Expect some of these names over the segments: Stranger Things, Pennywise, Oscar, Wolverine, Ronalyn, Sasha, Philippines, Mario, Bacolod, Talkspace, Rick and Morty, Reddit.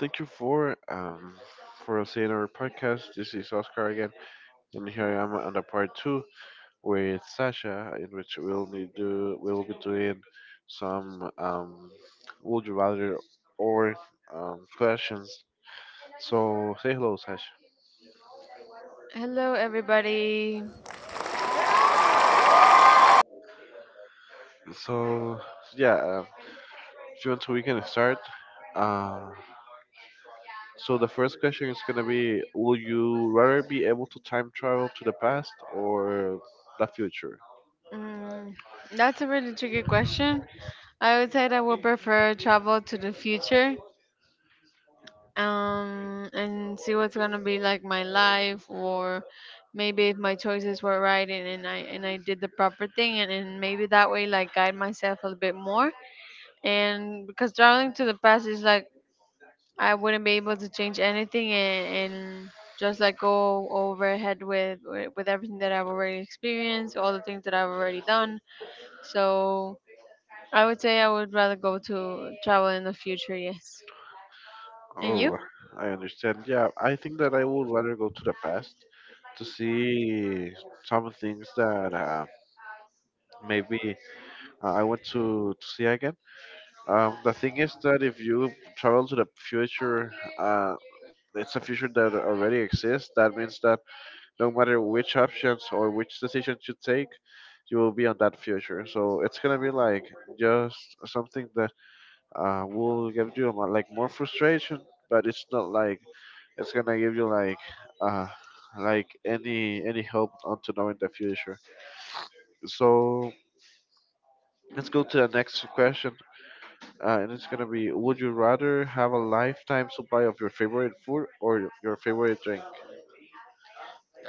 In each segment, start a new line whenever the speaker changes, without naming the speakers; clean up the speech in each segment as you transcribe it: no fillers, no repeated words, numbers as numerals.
Thank you for seeing our podcast. This is Oscar again, and here I am on the part two with Sasha, in which we'll need to we'll be doing some would you rather or questions. So say hello, Sasha.
Hello, everybody.
So yeah, if you want to, we can start. Uh, so the first question is gonna be: Will you rather be able to time travel to the past or the future?
Mm, that's a really tricky question. I would say that I would prefer travel to the future, and see what's gonna be like my life, or maybe if my choices were right and I did the proper thing, and maybe that way like guide myself a little bit more. And because traveling to the past is like I wouldn't be able to change anything and just like go overhead with everything that I've already experienced, all the things that I've already done. So I would say I would rather go to travel in the future. Yes. And you?
Oh, I understand. Yeah, I think that I would rather go to the past to see some things that maybe I want to see again. The thing is that if you travel to the future, uh, it's a future that already exists. That means that no matter which options or which decisions you take, you will be on that future. So it's gonna be like just something that will give you like more frustration, but it's not like it's gonna give you uh, like any help onto knowing the future. So let's go to the next question, and it's gonna be: Would you rather have a lifetime supply of your favorite food or your favorite drink?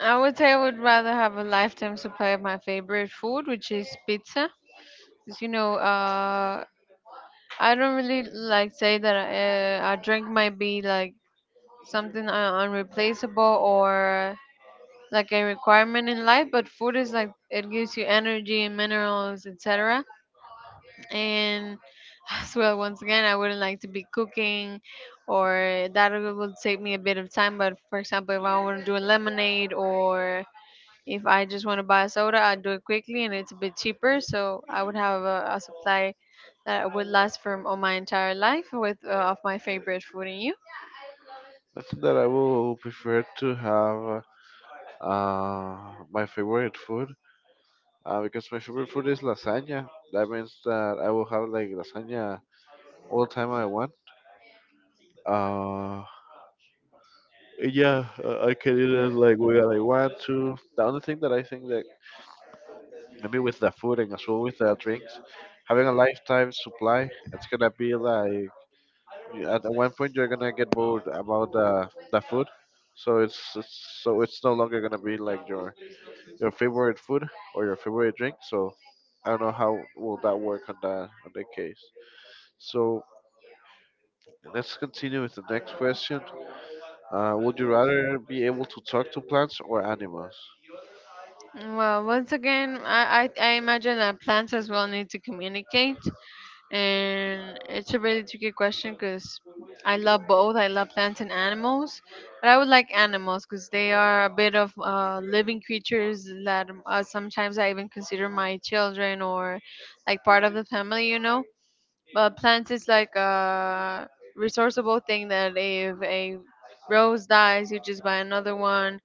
I would say I would rather have a lifetime supply of my favorite food, which is pizza. 'Cause, you know, I don't really like say that a drink might be like something unreplaceable or like a requirement in life, but food is like it gives you energy and minerals, etc. And as well, once again, I wouldn't like to be cooking, or that would take me a bit of time. But for example, if I want to do a lemonade or if I just want to buy a soda, I do it quickly and it's a bit cheaper. So I would have a supply that would last for all my entire life with of my favorite food in you.
I think that I will prefer to have my favorite food. Because my favorite food is lasagna. That means that I will have like lasagna all the time I want. Uh, Yeah, I can eat it like where I want to. The only thing that I think that maybe with the food and as well with the drinks, having a lifetime supply, it's gonna be like at one point you're gonna get bored about the food. So it's, it's so it's no longer gonna be like your favorite food or your favorite drink. So I don't know how will that work on that case. So let's continue with the next question. Would you rather be able to talk to plants or animals?
Well, once again, I imagine that plants as well need to communicate, and it's a really tricky question because I love both. I love plants and animals, but I would like animals because they are a bit of living creatures that sometimes I even consider my children or like part of the family, you know. But plants is like a resourceable thing that if a rose dies, you just buy another one,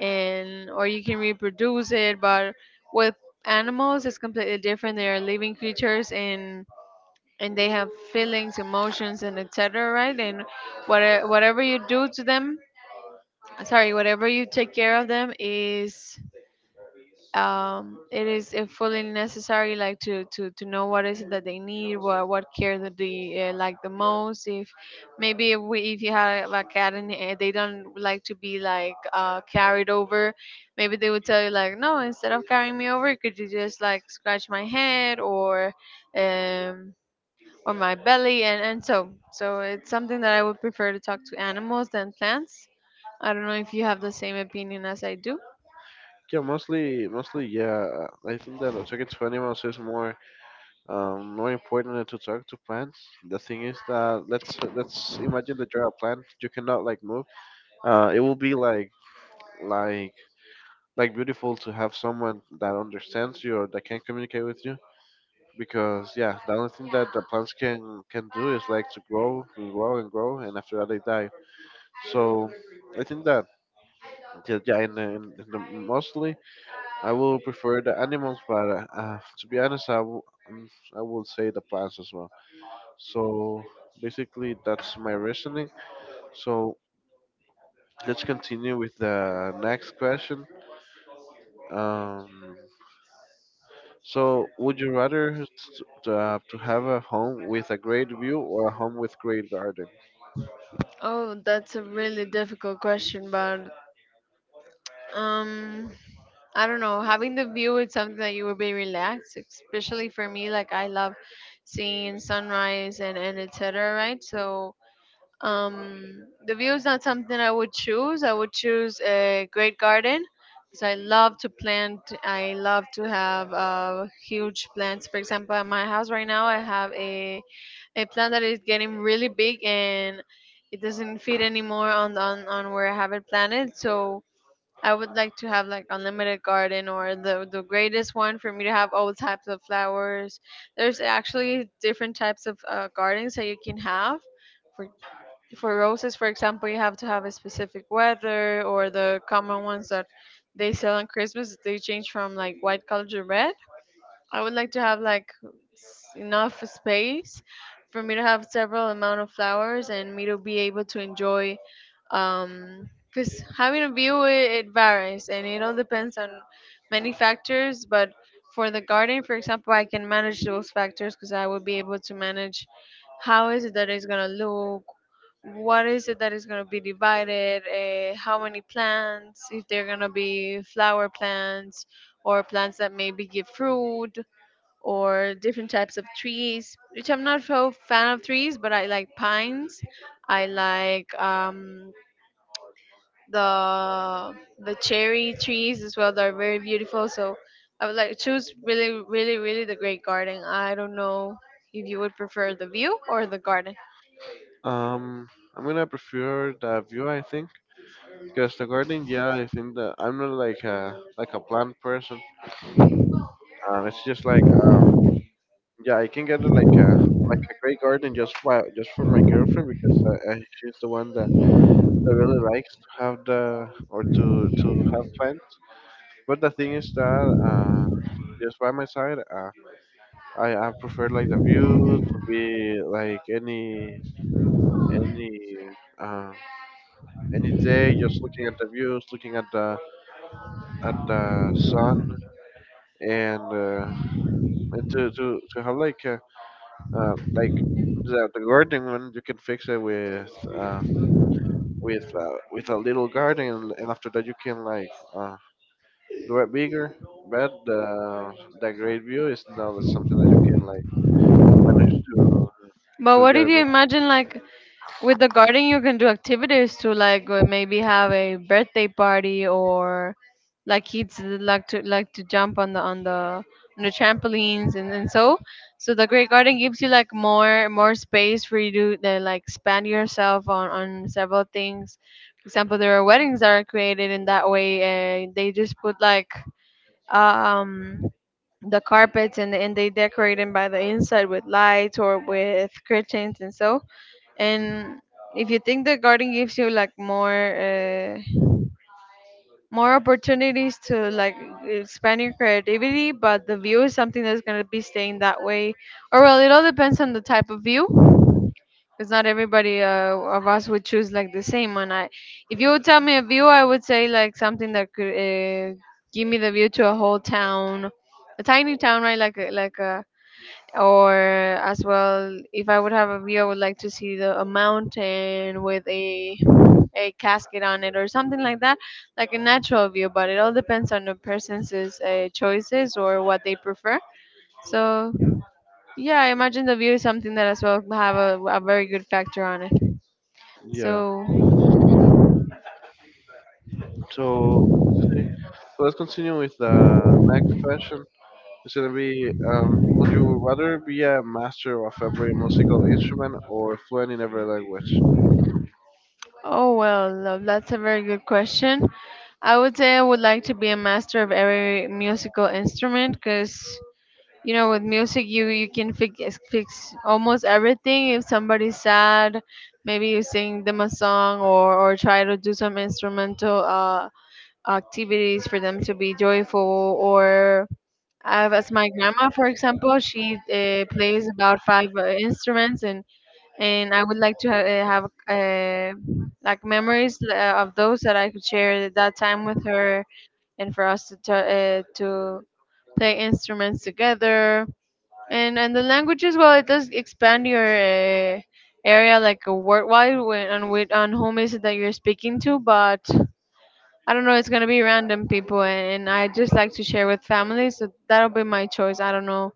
and or you can reproduce it. But with animals, it's completely different. They are living creatures, and they have feelings, emotions, and etc, right? And what, whatever you do to them, sorry, whatever you take care of them is it is fully necessary, like to know what is it that they need, what care that they like the most. If maybe if, we, if you have a cat and they don't like to be like carried over, maybe they would tell you like no, instead of carrying me over, could you just like scratch my head um or my belly? And so it's something that I would prefer to talk to animals than plants. I don't know if you have the same opinion as I do.
Yeah, mostly, yeah. I think that talking to animals is more important than to talk to plants. The thing is that let's imagine that you're a plant, you cannot like move. It will be like like beautiful to have someone that understands you or that can communicate with you. Because yeah, the only thing that the plants can do is like to grow and grow and grow, and after that they die. So I think that. Yeah, yeah, and mostly I will prefer the animals, but to be honest, mm, I will say the plants as well. So basically, that's my reasoning. So let's continue with the next question. Um, so would you rather to have a home with a great view or a home with great garden?
Oh, that's a really difficult question, but um I don't know, having the view is something that you would be relaxed, especially for me like I love seeing sunrise and etc, right? So um, the view is not something I would choose. I would choose a great garden because I love to plant. I love to have huge plants. For example, at my house right now, I have a plant that is getting really big, and it doesn't fit anymore on, on where I have it planted. So I would like to have like unlimited garden or the greatest one for me to have all types of flowers. There's actually different types of gardens that you can have for roses, for example. You have to have a specific weather, or the common ones that they sell on Christmas. They change from like white color to red. I would like to have like enough space for me to have several amount of flowers and me to be able to enjoy. Because having a view, it varies and it all depends on many factors, but for the garden, for example, I can manage those factors because I will be able to manage how is it that it's going to look, what is it that is going to be divided, how many plants, if they're going to be flower plants or plants that maybe give fruit, or different types of trees, which I'm not so fan of trees, but I like pines. I like the cherry trees as well. They're very beautiful. So I would like to choose really, really, really the great garden. I don't know if you would prefer the view or the garden.
Um, I'm gonna prefer the view, I think, because the garden, yeah, I think that I'm not like a plant person. And it's just like yeah, I can get like a great garden just for my girlfriend because she's the one that really likes to have the or to have plants. But the thing is that uh, just by my side, I prefer like the view to be like any uh, any day, just looking at the views, looking at the sun and. And to have like the garden one, you can fix it with a little garden, and after that you can like uh, do it bigger. But the great view is not something that you can like manage to
But what if you
get.
imagine like with the garden you can do activities to like maybe have a birthday party, or like kids like to jump on the on the trampolines, and so the great garden gives you like more space for you to like expand yourself on several things. For example, there are weddings that are created in that way, and they just put like um the carpets, and they decorate them by the inside with lights or with curtains, and so,
But,
and if you think, the garden gives you like more more opportunities to like expand your creativity, but the view is something that's going to be staying that way, or well, it all depends on the type of view, because not everybody of us would choose like the same one. I, if you would tell me a view, I would say like something that could give me the view to a whole town, a tiny town, right? Like like a, or as well, if I would have a view, I would like to see the a mountain with a casket on it, or something like that, like a natural view. But it all depends on the person's choices or what they prefer. So yeah, I imagine the view is something that as well have a very good factor on it.
yeah.
So
So see. So let's continue with the next question. It's gonna be: would you rather be a master of every musical instrument or fluent in every language?
oh well love, that's a very good question. I would say I would like to be a master of every musical instrument because you know with music you can fix almost everything. If somebody's sad, maybe you sing them a song, or try to do some instrumental activities for them to be joyful. Or I have as my grandma, for example, she plays about five instruments, and I would like to have like memories of those that I could share that time with her, and for us to to play instruments together. And the languages, well, it does expand your area like worldwide, when, on which, on whom is it that you're speaking to. But I don't know, it's gonna be random people and I just like to share with family, so that'll be my choice. I don't know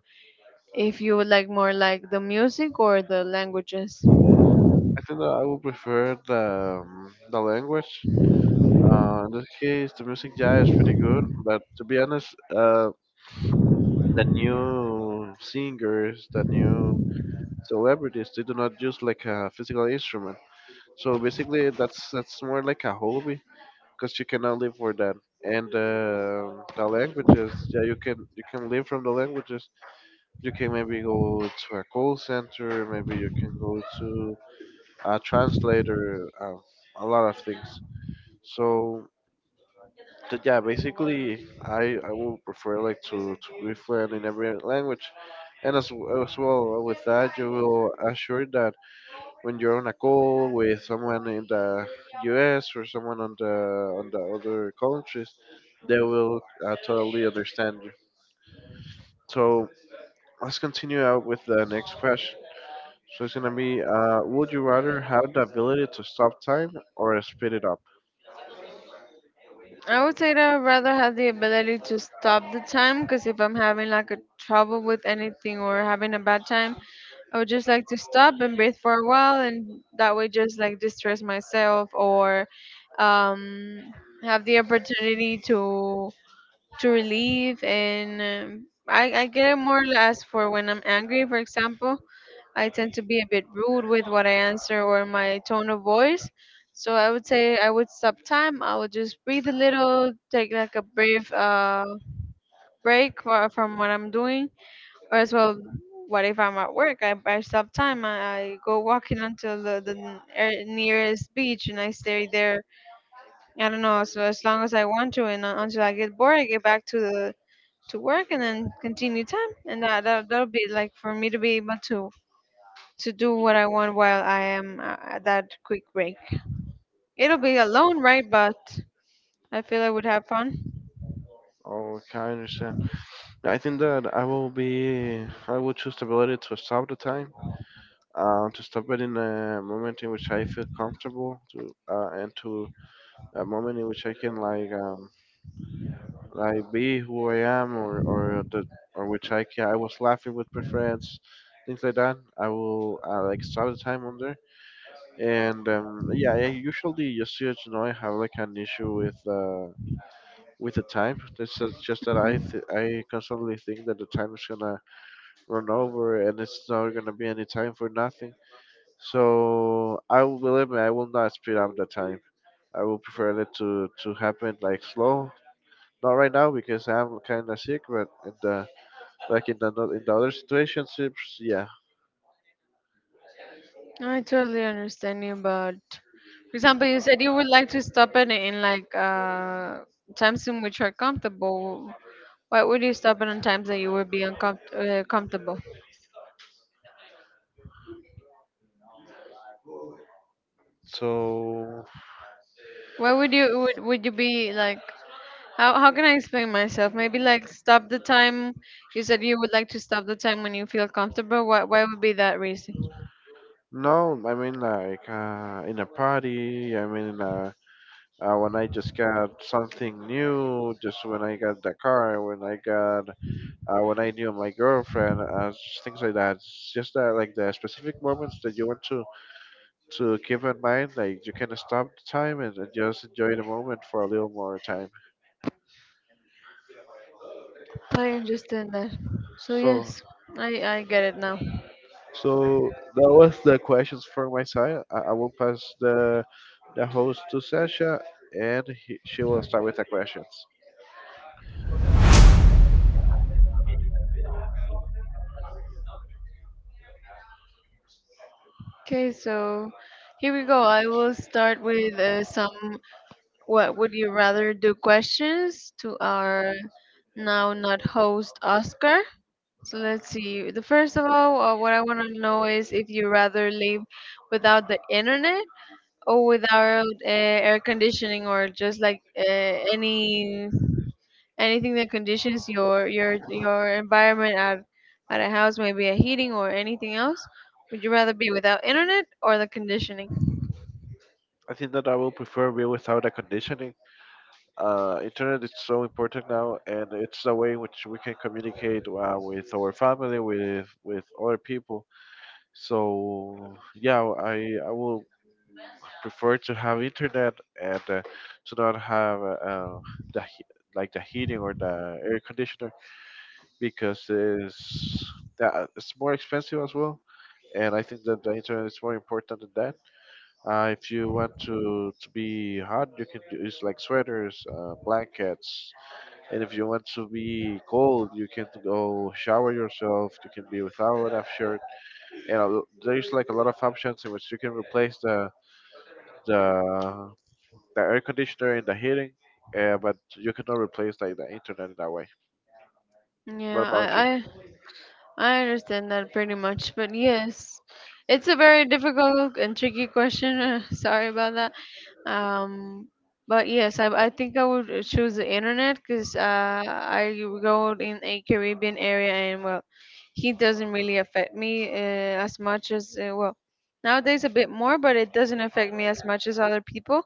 if you would like more like the music or the languages.
I think that I would prefer the language. In this case, the music, yeah, is pretty good. But to be honest, the new singers, the new celebrities, they do not use like a physical instrument. So basically, that's more like a hobby because you cannot live for that. And the languages, yeah, you can live from the languages. You can maybe go to a call center. Maybe you can go to a translator. A lot of things. So yeah, basically, I would prefer like to be fluent in every language, and as well with that, you will assure that when you're on a call with someone in the U.S. or someone on the other countries, they will totally understand you. So let's continue out with the next question. So it's gonna be, would you rather have the ability to stop time or speed it up?
I would say that I'd rather have the ability to stop the time because if I'm having like a trouble with anything or having a bad time, I would just like to stop and breathe for a while, and that way just like distress myself, or um, have the opportunity to relieve. And I get it more or less for when I'm angry, for example. I tend to be a bit rude with what I answer or my tone of voice. So I would say I would stop time. I would just breathe a little, take like a brief break for, from what I'm doing, or as well, what if I'm at work? I stop time. I go walking until the nearest beach and I stay there. I don't know. So as long as I want to, and until I get bored, I get back to the to work and then continue time, and that'll be like for me to be able to do what I want while I am at that quick break. It'll be alone, right? But I feel I would have fun.
Okay, I understand. I think that I will choose the ability to stop the time, to stop it in a moment in which I feel comfortable, to and to a moment in which I can like be who I am, or I was laughing with my friends, things like that. I will like stop the time on there, and yeah, I usually just so you know I have like an issue with the time. This is just that I constantly think that the time is gonna run over, and it's not gonna be any time for nothing. So I will believe me, I will not speed up the time. I will prefer it to happen like slow. Not right now because I'm kind of sick, but in the other situationships, yeah.
I totally understand you, but for example, you said you would like to stop it in like times in which are comfortable. Why would you stop it on times that you would be uncomfortable? Comfortable?
So
Why would you would you be like? How can I explain myself? Maybe like stop the time. You said you would like to stop the time when you feel comfortable. Why would be that reason?
no, I mean like in a party. I mean when I just got something new, just when I got the car, when I knew my girlfriend, things like that. It's just that like the specific moments that you want to keep in mind, like you can stop the time and just enjoy the moment for a little more time.
I understand that. So
So
yes, I get it now.
so that was the questions for my side. I will pass the host to Sasha, and she will start with the questions.
Okay, so here we go. I will start with some what would you rather do questions to our now not host Oscar. So let's see. The first of all, what I want to know is if you rather live without the internet or without air conditioning or just like any anything that conditions your environment at a house, maybe a heating or anything else? Would you rather be without internet or the conditioning?
I think that I will prefer real without a conditioning. Internet is so important now, and it's the way in which we can communicate with our family, with other people. So yeah, I will prefer to have internet and to not have the he- like the heating or the air conditioner because it's that it's more expensive as well. And I think that the internet is more important than that. If you want to be hot, you can use like sweaters, blankets, and if you want to be cold, you can go shower yourself. You can be without a shirt, and there's like a lot of options in which you can replace the the air conditioner and the heating. But you cannot replace like the internet in that way.
Yeah,
What about you?
I understand that pretty much, but yes, it's a very difficult and tricky question. Sorry about that. Um, but yes, I think I would choose the internet because I go in a Caribbean area and well, heat doesn't really affect me as much as well nowadays a bit more, but it doesn't affect me as much as other people.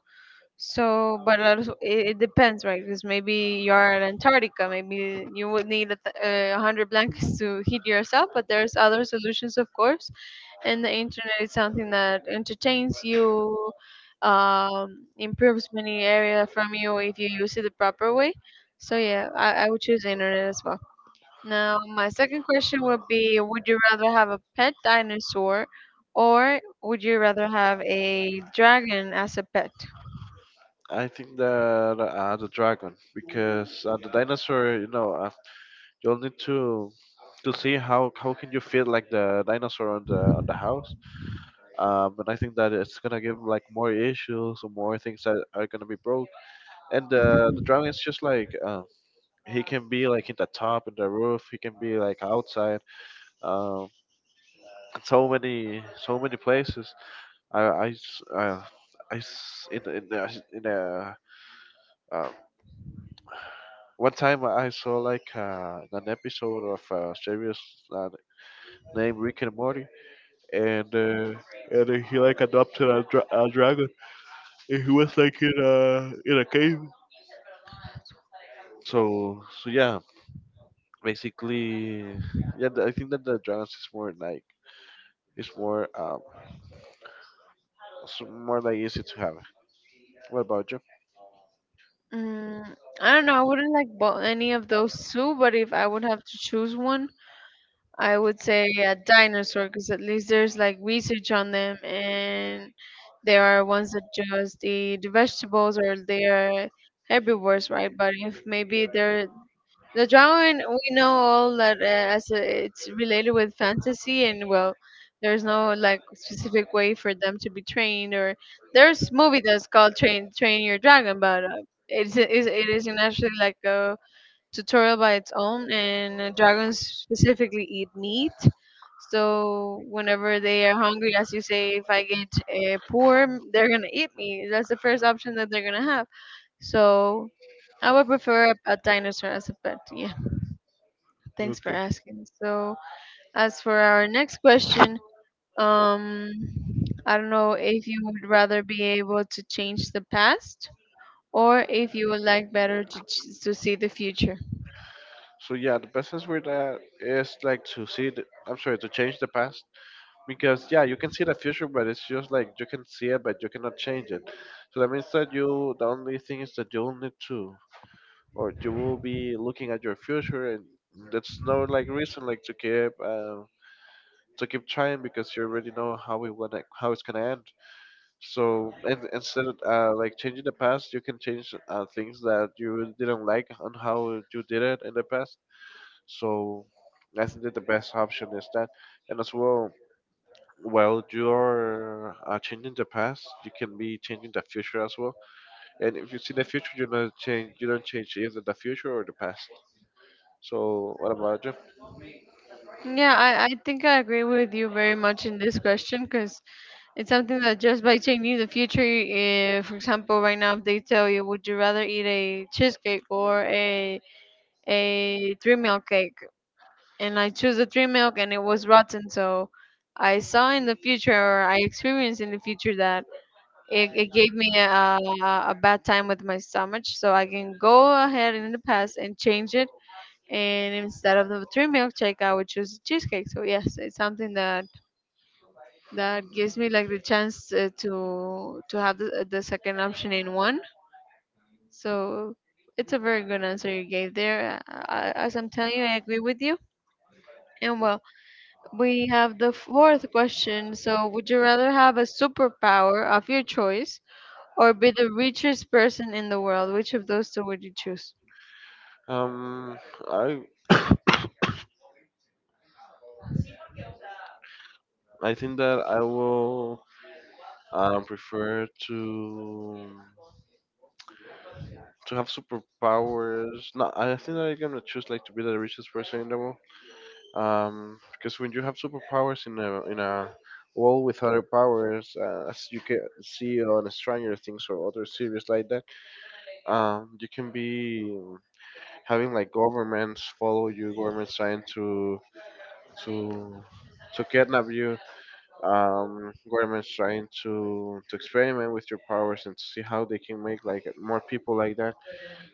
So, but also, it depends, right? Because maybe you're in Antarctica, maybe you would need a hundred blankets to heat yourself. But there's other solutions, of course. And the internet is something that entertains you, improves many area from you if you use it the proper way. So yeah, I would choose the internet as well. Now, my second question would be: would you rather have a pet dinosaur, or would you rather have a dragon as a pet?
I think that the dragon, because the dinosaur, you'll need to see how can you fit like the dinosaur on the house, and I think that it's gonna give like more issues or more things that are gonna be broke. And the dragon is just like he can be like in the top, in the roof. He can be like outside. Um, so many, so many places. I, I, s- uh, in the, in a, um, One time I saw like an episode of a series uh, named Rick and Morty, and he like adopted a dragon. And he was like in a cave. So yeah, basically, yeah. I think that the dragons is more like it's more so more like easy to have. What about you?
Mm, I don't know. I wouldn't like any of those two, but if I would have to choose one, I would say a dinosaur because at least there's like research on them, and there are ones that just eat the vegetables or they are herbivores, right? But if maybe they're the drawing we know all that as it's related with fantasy, and well, there's no like specific way for them to be trained. Or there's movie that's called Train Your Dragon, but it is actually like a tutorial by its own, and dragons specifically eat meat. So whenever they are hungry, as you say, if I get poor, they're gonna eat me. That's the first option that they're gonna have. So I would prefer a dinosaur as a pet. Thanks for
Okay.
asking. So, as for our next question, um, I don't know if you would rather be able to change the past or if you would like better to, to see the future.
So yeah, the best answer with that is like I'm sorry, to change the past because yeah, you can see the future, but it's just like you can see it, but you cannot change it. So that means that you the only thing is that you'll need to, or you will be looking at your future, and that's no like reason like to keep. To keep trying because you already know how it's gonna end. So and instead of like changing the past, you can change things that you didn't like on how you did it in the past. So I think that the best option is that, and as well. While you're changing the past, you can be changing the future as well. And if you see the future, you don't change. You don't change either the future or the past. So what about you?
Yeah, I think I agree with you very much in this question because it's something that just by changing the future, for example, right now, if they tell you, would you rather eat a cheesecake or a three meal cake? And I chose the three milk and it was rotten. So I saw in the future, or I experienced in the future that it gave me a bad time with my stomach. So I can go ahead in the past and change it. And instead of the three milk shake, I would choose cheesecake. So yes, it's something that that gives me like the chance to have the second option in one. So it's a very good answer you gave there. As I'm telling you, I agree with you. And well, we have the fourth question. So, would you rather have a superpower of your choice or be the richest person in the world? Which of those two would you choose?
Um, I I think that I prefer to have superpowers. No, I think I'm gonna choose like to be the richest person in the world. Because when you have superpowers in a world with other powers, as you can see on Stranger Things or other series like that, you can be having like governments follow you, governments trying to to kidnap you, governments trying to experiment with your powers and to see how they can make like more people like that.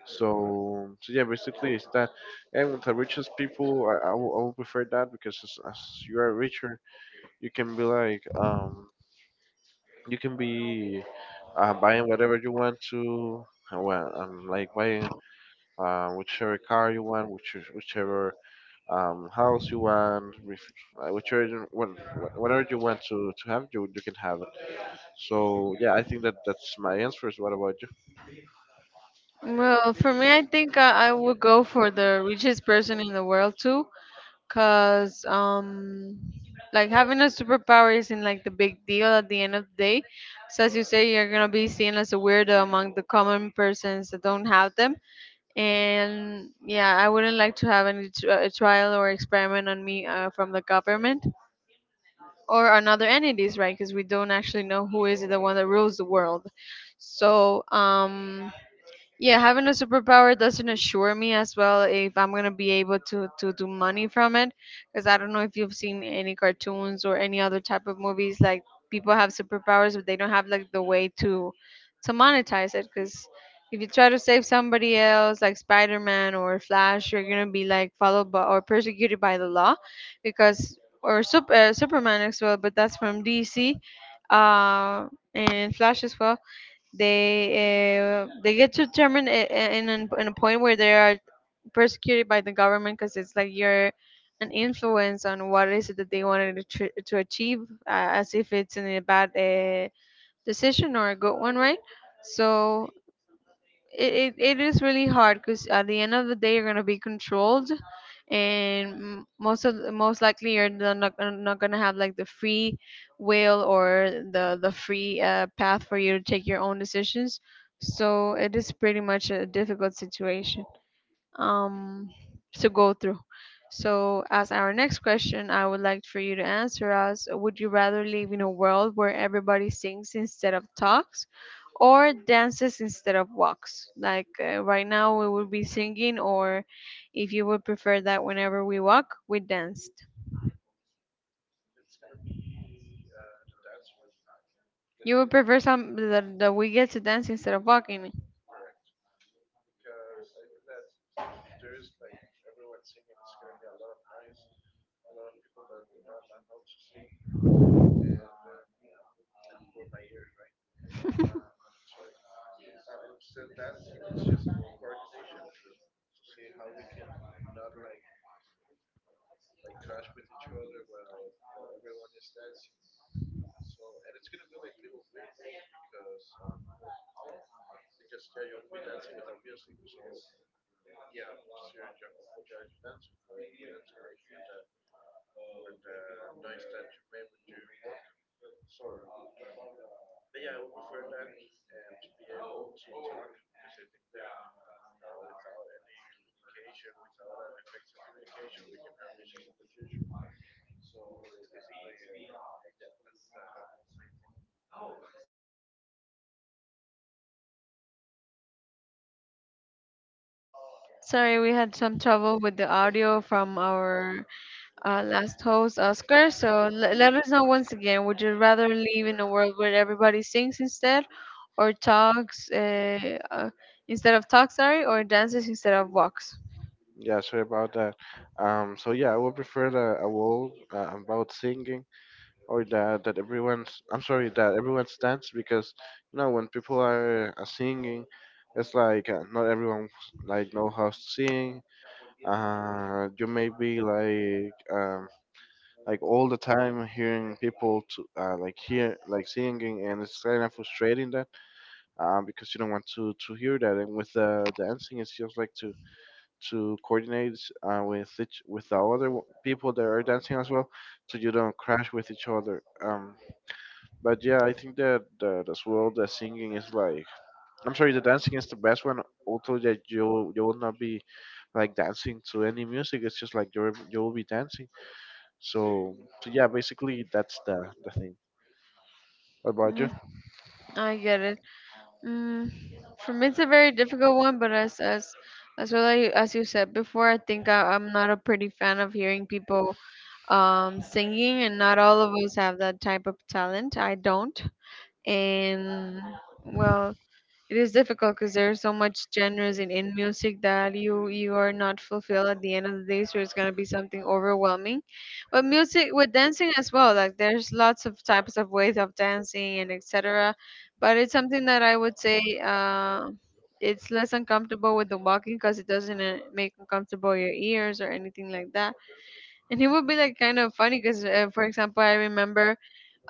So, so yeah, basically it's that. And with the richest people, I will prefer that because as you are richer, you can be like you can be buying whatever you want to. Well, like buying whichever car you want, whichever house you want, whichever you- what- whatever you want to have, you can have it, so yeah, I think that that's my answers. What about you?
Well, for me, I think I would go for the richest person in the world too, cause like having a superpower isn't like the big deal at the end of the day. So as you say, you're gonna be seen as a weirdo among the common persons that don't have them. And yeah, I wouldn't like to have any trial or experiment on me from the government or on other entities, right? Because we don't actually know who is the one that rules the world. So yeah, having a superpower doesn't assure me as well if I'm gonna be able to do money from it. Because I don't know if you've seen any cartoons or any other type of movies. Like people have superpowers, but they don't have like the way to monetize it. Because if you try to save somebody else, like Spider-Man or Flash, you're gonna be like followed by or persecuted by the law, because or Superman as well, but that's from DC, uh, and Flash as well, they get to determine in in a point where they are persecuted by the government because it's like you're an influence on what is it that they wanted to, to achieve as if it's in a bad decision or a good one, right? So it is really hard because at the end of the day you're gonna be controlled and most of most likely you're not, not gonna have like the free will or the free path for you to take your own decisions. So it is pretty much a difficult situation um to go through. So, as our next question, I would like for you to answer us: would you rather live in a world where everybody sings instead of talks or dances instead of walks? Like right now, we would be singing, or if you would prefer that whenever we walk, we danced. You would prefer some that, that we get to dance instead of walking. Sorry, we had some trouble with the audio from our last host, Oscar. So let us know once again, would you rather live in a world where everybody sings instead, or talks instead of talks, sorry, or dances instead of walks?
Yeah, sorry about that. So yeah, I would prefer that a wall about singing or that everyone's. I'm sorry that everyone stands because you know when people are, singing, it's like not everyone like know how to sing. You may be like all the time hearing people to like hear like singing, and it's kind of frustrating that, because you don't want to hear that. And with the dancing, it's just like to coordinate with each with the other people that are dancing as well, so you don't crash with each other. But yeah, I think that, that as well the singing is like, I'm sorry, the dancing is the best one. Although that you will not be like dancing to any music, it's just like you will be dancing. So so yeah, basically that's the thing. What about you?
Mm, I get it. Mm, for me, it's a very difficult one, but as well as you said before, I think I'm not a pretty fan of hearing people singing, and not all of us have that type of talent. I don't, and well, it is difficult because there are so much genres in music that you are not fulfilled at the end of the day, so it's going to be something overwhelming. But music with dancing as well, like there's lots of types of ways of dancing and etc. But it's something that I would say it's less uncomfortable with the walking because it doesn't make uncomfortable your ears or anything like that. And it would be like kind of funny because for example, I remember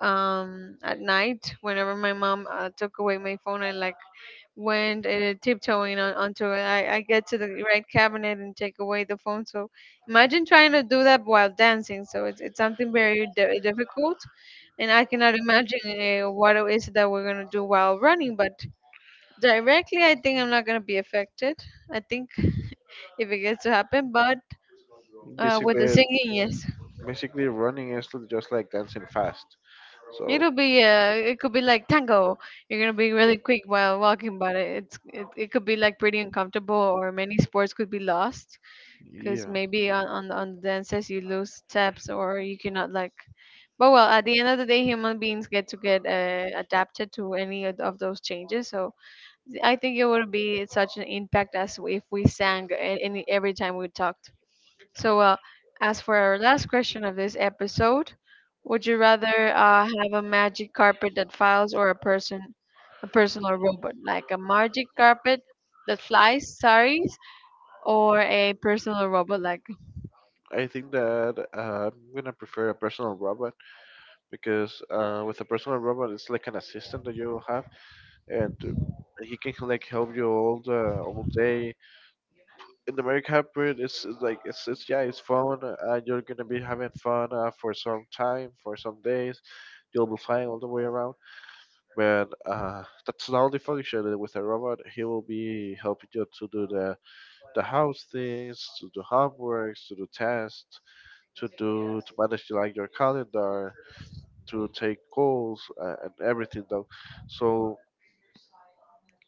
at night whenever my mom took away my phone, I like went tiptoeing onto it. I get to the right cabinet and take away the phone. So imagine trying to do that while dancing. So it's something very difficult. And I cannot imagine what it is that we're going to do while running. But directly, I think I'm not going to be affected. I think if it gets to happen. But with the
Basically,
singing, yes.
basically running is just like dancing fast. So
It'll be, it could be like tango. You're going to be really quick while walking, but it could be like pretty uncomfortable or many sports could be lost because
yeah,
maybe on the dances you lose steps or you cannot like. But well, at the end of the day human beings get to get adapted to any of those changes. So I think it would be such an impact as if we sang any every time we talked. So well, as for our last question of this episode, would you rather have a magic carpet that files or a personal robot like a magic carpet that flies, sorry, or a personal robot like.
I think that I'm gonna prefer a personal robot because with a personal robot, it's like an assistant that you have, and he can like help you all the all day. In the Mario hybrid it's like it's yeah, it's fun. You're gonna be having fun for some time, for some days. You'll be flying all the way around, but that's the only function. With a robot, he will be helping you to do the house things, to do homeworks, to do tasks, to do to manage like your calendar, to take calls and everything though. So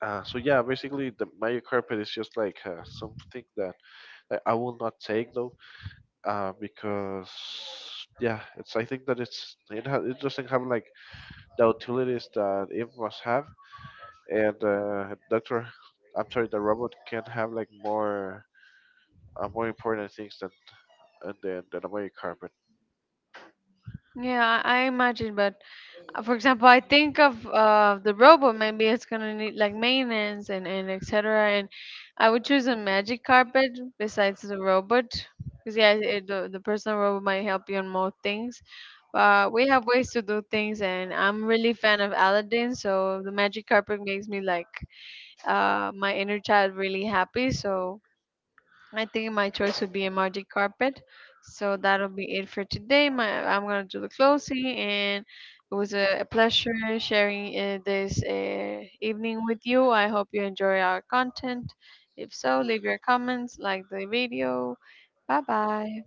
so yeah, basically the Mario Carpet is just like something that I will not take though, because yeah, it's I think that it doesn't have like the utilities that it must have, and Doctor, I'm sorry, the robot can have like more more important things than, and than a Mario carpet.
Yeah, I imagine, but for example, I think of the robot. Maybe it's gonna need like maintenance and etc. And I would choose a magic carpet besides the robot, because yeah, it, the personal robot might help you on more things. But we have ways to do things, and I'm really fan of Aladdin. So the magic carpet makes me like my inner child really happy. So I think my choice would be a magic carpet. So that'll be it for today. My I'm gonna do the closing, and it was a pleasure sharing this evening with you. I hope you enjoy our content. If so, leave your comments, like the video. Bye bye.